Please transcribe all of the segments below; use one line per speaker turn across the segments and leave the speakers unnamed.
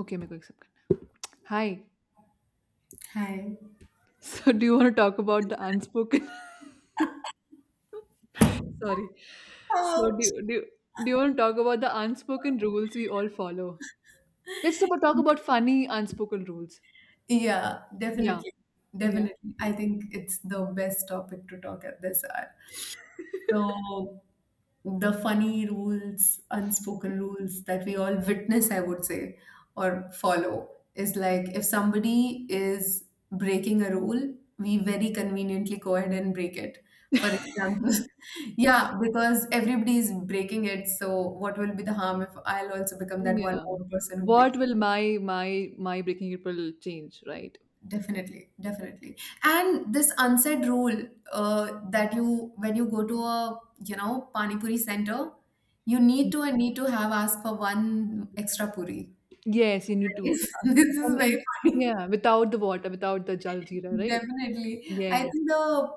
Okay मेरे को accept करना है hi
Hi.
So do you want to talk do the unspoken sorry so
Out.
Do you want talk about the unspoken rules we all follow let's talk about funny unspoken rules.
Yeah,
Yeah,
definitely.
yeah,
Definitely. I think it's the best topic to talk at this hour. So, the funny rules, unspoken rules that we all witness, I would say, or follow is like if somebody is breaking a rule, we very conveniently go ahead and break it. For example, yeah, because everybody is breaking it. So, what will be the harm if I'll also become that one
yeah,
more person who
what
breaks?
will my my breaking it will change, right?
Definitely, definitely. And this unsaid rule that you, when you go to a, you know, pani puri center, you
Mm.
need to have asked for one extra puri.
Yes, you need
That
to.
is,
uh,
this is
and,
very
and
funny.
yeah, without the water, without the jal jeera, right?
Definitely. I
Yes.
think the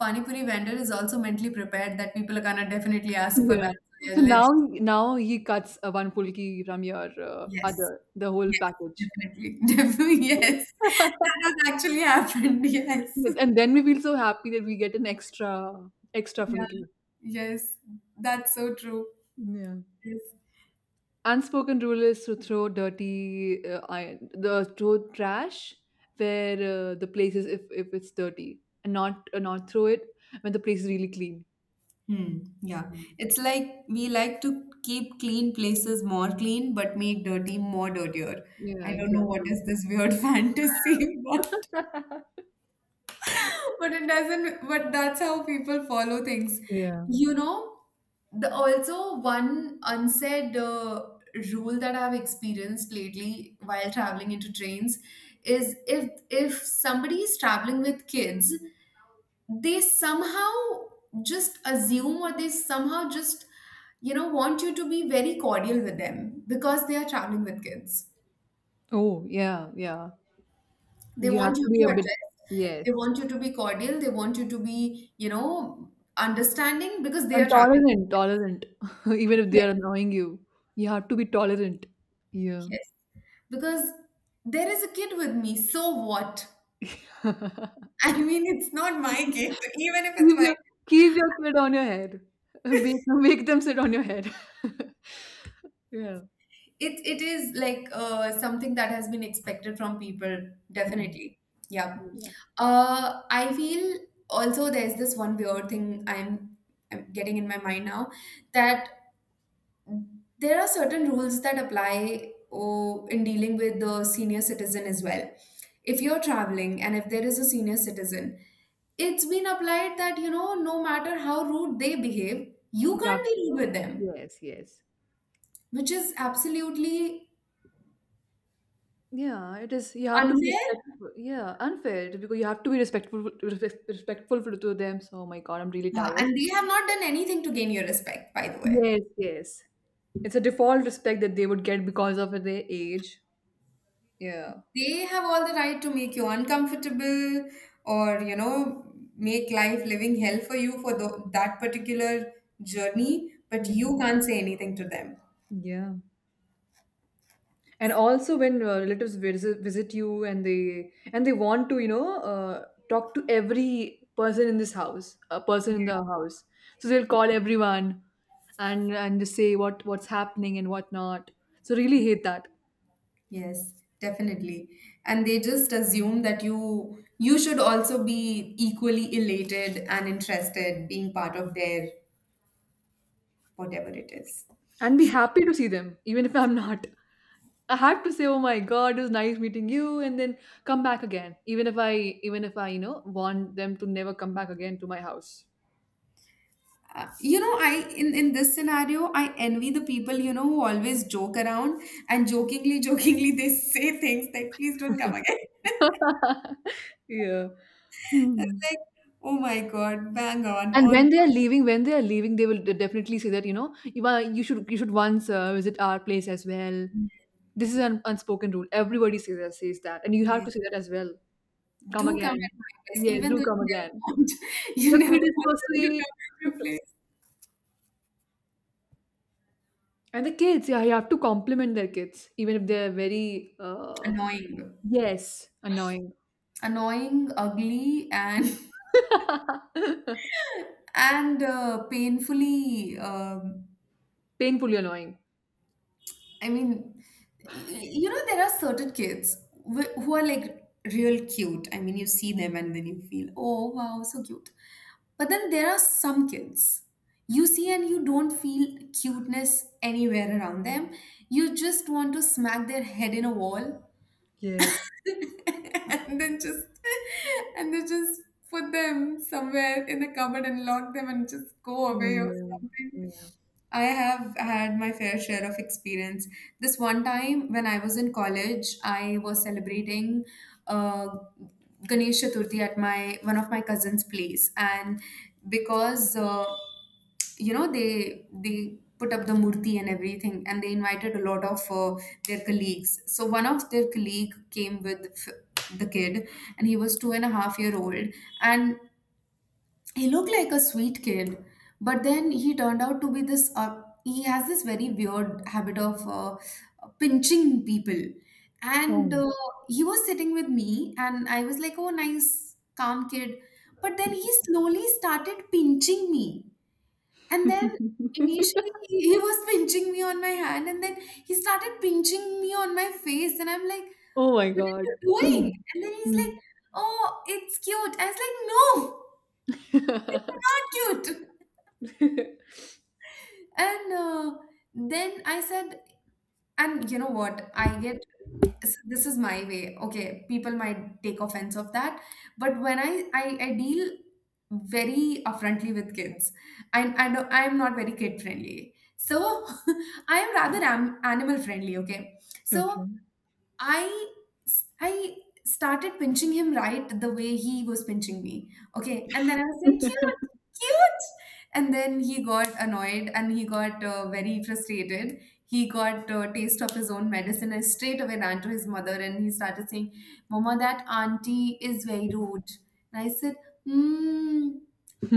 pani puri vendor is also mentally prepared that people are gonna definitely ask for
Yeah,
that. So
so
yeah,
now,
let's,
now he cuts a one pulki from your uh, other
yes,
the whole
yes,
package.
definitely. Definitely, yes. That has actually happened, yes.
And then we feel so happy that we get an extra extra
Yeah.
fulki.
Yes, that's so true.
Yeah.
Yes.
Unspoken rule is to throw dirty iron, the throw trash where the place is, if it's dirty, and not throw it when the place is really clean.
Hmm. Yeah.
Mhm.
It's like we like to keep clean places more clean, but make dirty more dirtier.
Yeah,
I don't know what
exactly.
is this weird fantasy, but it doesn't. But that's how people follow things.
Yeah.
You know, the also one unsaid rule that I've experienced lately while traveling into trains is if somebody is traveling with kids, they somehow just assume, or they somehow just, you know, want you to be very cordial with them because they are traveling with kids.
Oh, yeah, yeah.
They
You have
want you
to be
to
a bit,
address,
yes.
they want you to be cordial, they want you to be, you know, understanding because they
And
are traveling.
tolerant, tolerant. Even if they
Yes,
are annoying you, you have to be tolerant. Yeah.
yes. Because there is a kid with me, so what?
Keep
I mean, it's not my kid, even if it's my.
your, keep your kid on your head. Make, make them sit on your head. Yeah.
It is like something that has been expected from people,
Mm.
definitely. Yeah.
Yeah.
I feel also there's this one weird thing I'm getting in my mind now that there are certain rules that apply, oh, in dealing with the senior citizen as well. If you're traveling and if there is a senior citizen, it's been applied that, you know, no matter how rude they behave, you
Yeah.
can't be rude with them,
Yes, yes.
which is absolutely
Yeah, it is. You have to be
unfair.
respectful. Yeah, unfair, because you have to be respectful to them. So, oh my God, I'm really
Yeah,
tired.
and they have not done anything to gain your respect, by the way.
Yes, yes. It's a default respect that they would get because of their age. Yeah.
They have all the right to make you uncomfortable or, you know, make life living hell for you for the, that particular journey, but
Yeah.
you can't say anything to them.
Yeah. And also when relatives visit you, and they want to, you know, talk to every person in this house, a person in the house, so they'll call everyone and just say what's happening and whatnot. So really hate that.
Yes, definitely. And they just assume that you should also be equally elated and interested being part of their whatever it is.
And be happy to see them even if I'm not. I have to say, oh my God, it was nice meeting you, and then come back again, even if I you know, want them to never come back again to my house.
You know, I in this scenario, I envy the people, you know, who always joke around and jokingly, jokingly they say things like, "Please don't come again."
Yeah.
It's
Hmm.
like, oh my god, bang on
And
on
when they are
point.
leaving, when they are leaving, they will definitely say that, you know, you are, you should once visit our place as well. This is an unspoken rule. Everybody says that, and you have
Yes.
to say that as well. Come
Do come
again,
at my place,
yes,
even
do
though
come
you never
again.
want, you
The
never
kid is
want
so
them to
sweet,
come at your place.
and the kids, yeah, you have to compliment their kids, even if they are very
Annoying,
yes, annoying,
ugly, and and painfully, um
painfully annoying.
I mean, you know, there are certain kids who are like real cute. I mean, you see them and then you feel, oh, wow, so cute. But then there are some kids you see and you don't feel cuteness anywhere around them. You just want to smack their head in a wall
Yes.
and then just and then just put them somewhere in the cupboard and lock them and just go away or
Yeah.
something.
Yeah.
I have had my fair share of experience. This one time when I was in college, I was celebrating uh, Ganesh Chaturthi at my one of my cousin's place, and because you know, they put up the murti and everything, and they invited a lot of their colleagues. So one of their colleague came with the kid, and he was 2.5 year old, and he looked like a sweet kid. But then he turned out to be this, he has this very weird habit of pinching people. And
Oh.
he was sitting with me, and I was like, oh, nice calm kid. But then he slowly started pinching me, and then initially, he was pinching me on my hand, and then he started pinching me on my face, and I'm like,
Oh my
"What are
God.
you doing?" And then he's like,
Mm.
"Oh, it's cute." I was like, "No, it's not cute." And then I said, and you know what? I get, this is my way. Okay, people might take offense of that, but when I deal very upfrontly with kids, I don't, I'm not very kid friendly. So I am rather am animal friendly. Okay, so
Okay.
I I started pinching him right the way he was pinching me. Okay, and then I was saying, cute, cute, and then he got annoyed and he got very frustrated. He got taste of his own medicine and straight away ran to his mother and he started saying, "Mama, that auntie is very rude." And I said, "Hmm,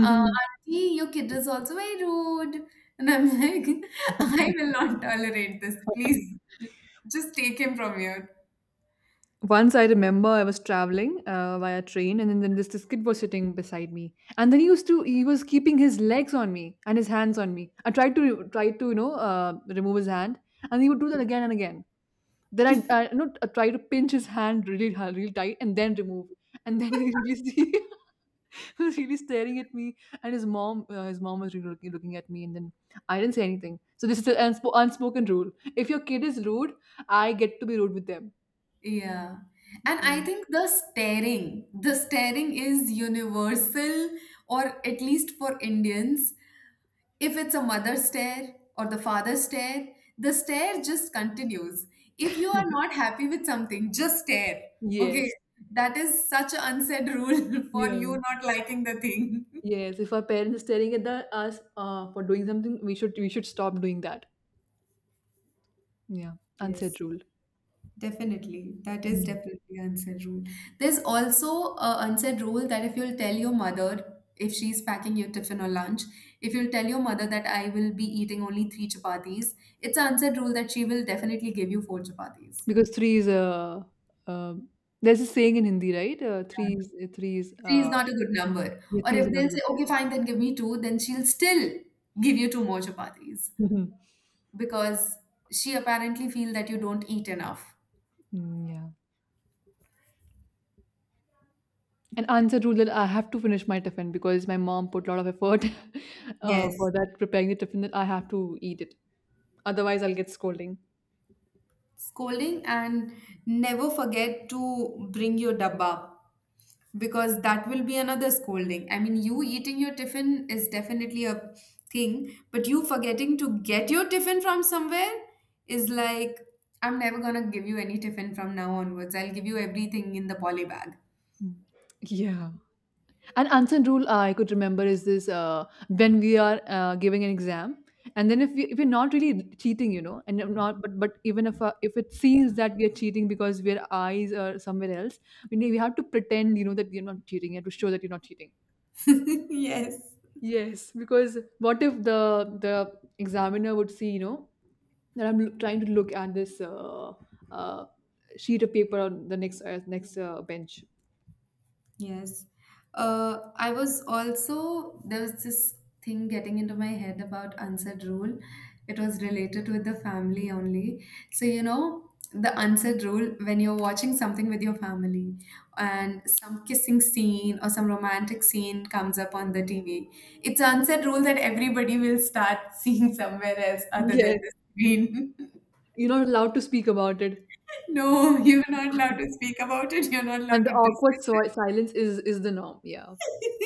auntie, your kid is also very rude." And I'm like, "I will not tolerate this. Please, just take him from here."
Once I remember I was traveling via train, and then this kid was sitting beside me, and then he used to he was keeping his legs on me and his hands on me. I tried to remove his hand, and he would do that again and again. Then I you know I tried to pinch his hand really hard, really tight, and then remove, and then he released. He was really staring at me, and his mom was really looking at me, and then I didn't say anything. So this is an unspoken rule. If your kid is rude, I get to be rude with them.
Yeah. And I
Mm.
think the staring is universal, or at least for Indians. If it's a mother stare or the father stare, the stare just continues. If you are not happy with something, just stare. Okay.
Yes.
That is such an unsaid rule for you
Yeah.
not liking the thing.
Yes. If our parents are staring at us for doing something, we should stop doing that. Yeah. Unsaid
Yes.
rule.
Definitely, that is
Mm.
definitely an unsaid rule. There's also a unsaid rule that if you'll tell your mother, if she's packing your tiffin or lunch, if you'll tell your mother that I will be eating only three chapatis, it's an unsaid rule that she will definitely give you four chapatis.
Because three is a. Uh, uh, there's a saying in Hindi, right? Three is three is
Three is
uh,
not a good number.
yeah,
Or
three is
if
not
they'll
a
say,
good
okay, fine, then give me two, then she'll still give you two more chapatis
number.
because she apparently feel that you don't eat enough.
Mm, yeah. An answered rule that I have to finish my tiffin because my mom put a lot of effort
Yes.
for that, preparing the tiffin, that I have to eat it. Otherwise, I'll get scolding.
Scolding and never forget to bring your dabba, because that will be another scolding. I mean, you eating your tiffin is definitely a thing, but you forgetting to get your tiffin from somewhere is like, I'm never gonna give you any tiffin from now onwards. I'll give you everything in the poly bag.
Mm. Yeah. An unseen rule I could remember is this, when we are giving an exam. And then if, we, if we're not really cheating, you know, and if not, but even if it seems that we are cheating because our eyes are somewhere else, we have to pretend, you know, that we are not cheating. You have to show that you're not cheating.
Yes.
Yes, because what if the examiner would see, you know, that I'm trying to look at this uh, sheet of paper on the next bench.
Yes. I was also, there was this thing getting into my head about unsaid rule. It was related with the family only. So, you know, the unsaid rule when you're watching something with your family and some kissing scene or some romantic scene comes up on the TV, it's an unsaid rule that everybody will start, seeing somewhere else other than
Yes.
the screen.
You're not allowed to speak about it,
No, you're not allowed to speak about it, you're not allowed
and
to
the awkward
discuss it.
silence is the norm. Yeah,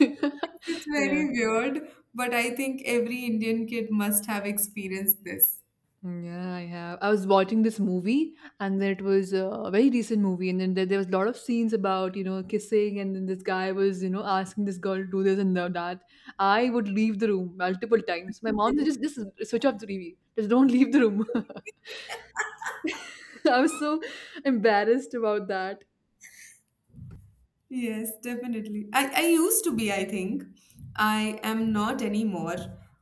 It's
yeah.
very weird, but I think every Indian kid must have experienced this.
Yeah, I have. I was watching this movie, and then it was a very recent movie, and then there was a lot of scenes about, you know, kissing, and then this guy was, you know, asking this girl to do this and that. I would leave the room multiple times. My mom said, just, switch off the TV. Just don't leave the room. I was so embarrassed about that.
Yes, definitely. I used to be, I think. I am not anymore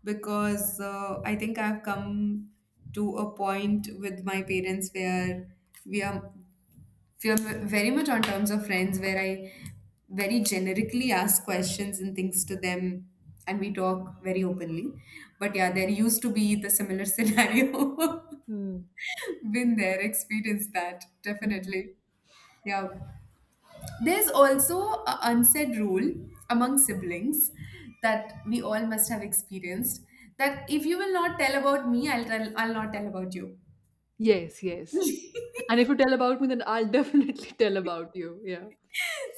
because I think I've come to a point with my parents where we are we are very much on terms of friends where I very generically ask questions and things to them and we talk very openly. But yeah, there used to be the similar scenario.
Mm.
Been there, experienced that,
Mm.
definitely. Yeah. There's also an unsaid rule among siblings that we all must have experienced, that if you will not tell about me, I'll not tell about you.
Yes, yes. And if you tell about me, then I'll definitely tell about you. Yeah.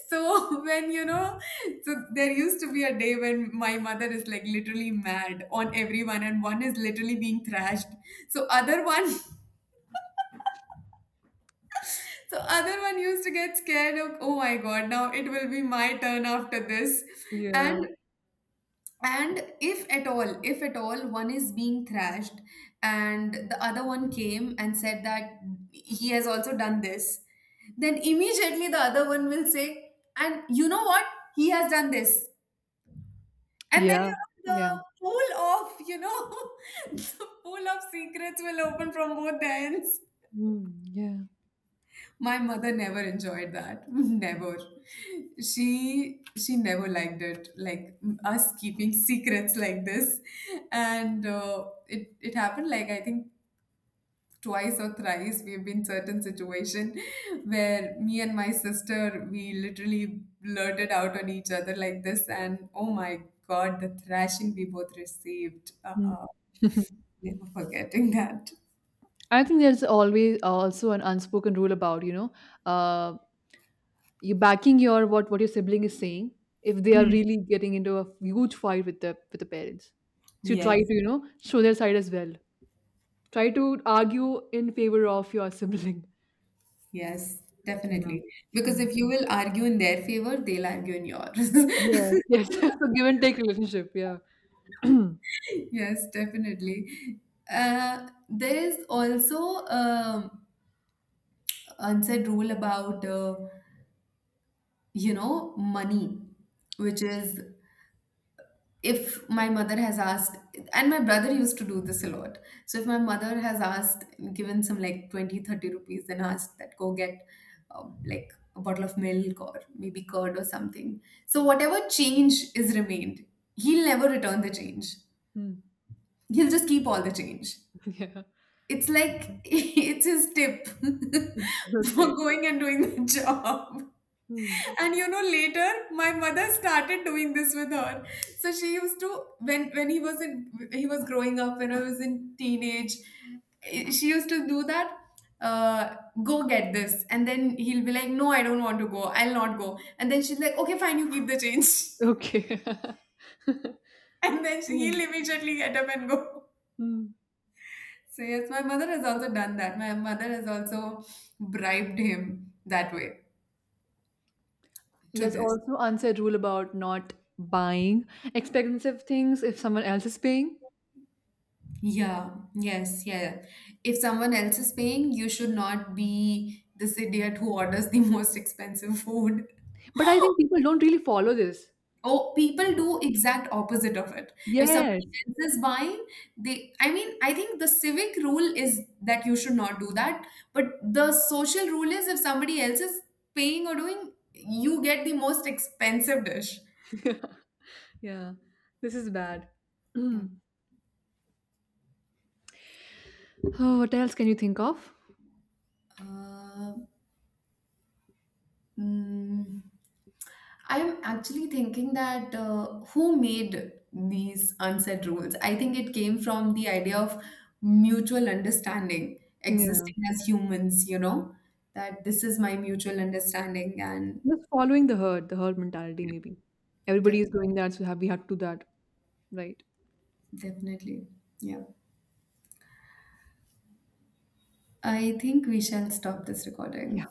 So when you know, so there used to be a day when my mother is like literally mad on everyone, and one is literally being thrashed. So other one, so other one used to get scared of, oh my god, now it will be my turn after this,
Yeah.
and if at all, one is being thrashed, and the other one came and said that he has also done this, then immediately the other one will say, and you know what, he has done this. And then
Yeah.
you know,
Yeah.
the pool of, you know, the pool of secrets will open from both the ends.
Mm, yeah.
My mother never enjoyed that. Never. She never liked it, like us keeping secrets like this. And it happened like I think twice or thrice we've been certain situation, where me and my sister we literally blurted out on each other like this, and oh my god, the thrashing we both received.
Mm.
Uh-uh. Never forgetting that.
I think there's always also an unspoken rule about, you know, uh, you backing your what your sibling is saying, if they are really getting into a huge fight with the, with the parents. So you try to,
Yes.
you know, show their side as well. Try to argue in favor of your sibling.
Yes, definitely. Because
Yeah.
if you will argue in their favor, they'll argue in yours.
Yes, yes. So give and take relationship, yeah.
Yes, definitely. There's also unsaid rule about you know, money, which is if my mother has asked, and my brother used to do this a lot, so if my mother has asked, given some like 20, 30 rupees and asked that, go get like a bottle of milk or maybe curd or something, so whatever change is remained, he'll never return the change,
Mm.
he'll just keep all the change.
Yeah.
It's like it's his tip for
Okay.
going and doing the job.
Mm.
And you know, later my mother started doing this with her. So she used to, when he was growing up, when I was in teenage, she used to do that. Uh, go get this, and then he'll be like, "No, I don't want to go. I'll not go." And then she's like, "Okay, fine, you keep the change."
Okay.
And then she,
Mm.
he'll immediately get up and go.
Mm.
So yes, my mother has also done that. My mother has also bribed him that way to
There's
this.
also unsaid rule about not buying expensive things if someone else is paying.
Yeah, yes, yeah. If someone else is paying, you should not be this idiot who orders the most expensive food.
But I think people don't really follow this.
Oh, people do exact opposite of it. If somebody
Yes.
else is buying, they, I mean, I think the civic rule is that you should not do that, but the social rule is if somebody else is paying or doing, you get the most expensive dish.
Yeah. This is bad.
Yeah.
Mm. Oh, what else can you think of?
Uh, mm, I'm actually thinking that who made these unsaid rules? I think it came from the idea of mutual understanding,
Yeah.
existing as humans, you know, that this is my mutual understanding, and
Just following the herd mentality maybe.
def-
Everybody is doing that, so have we have to do that, right?
definitely, yeah. I think we shall stop this recording.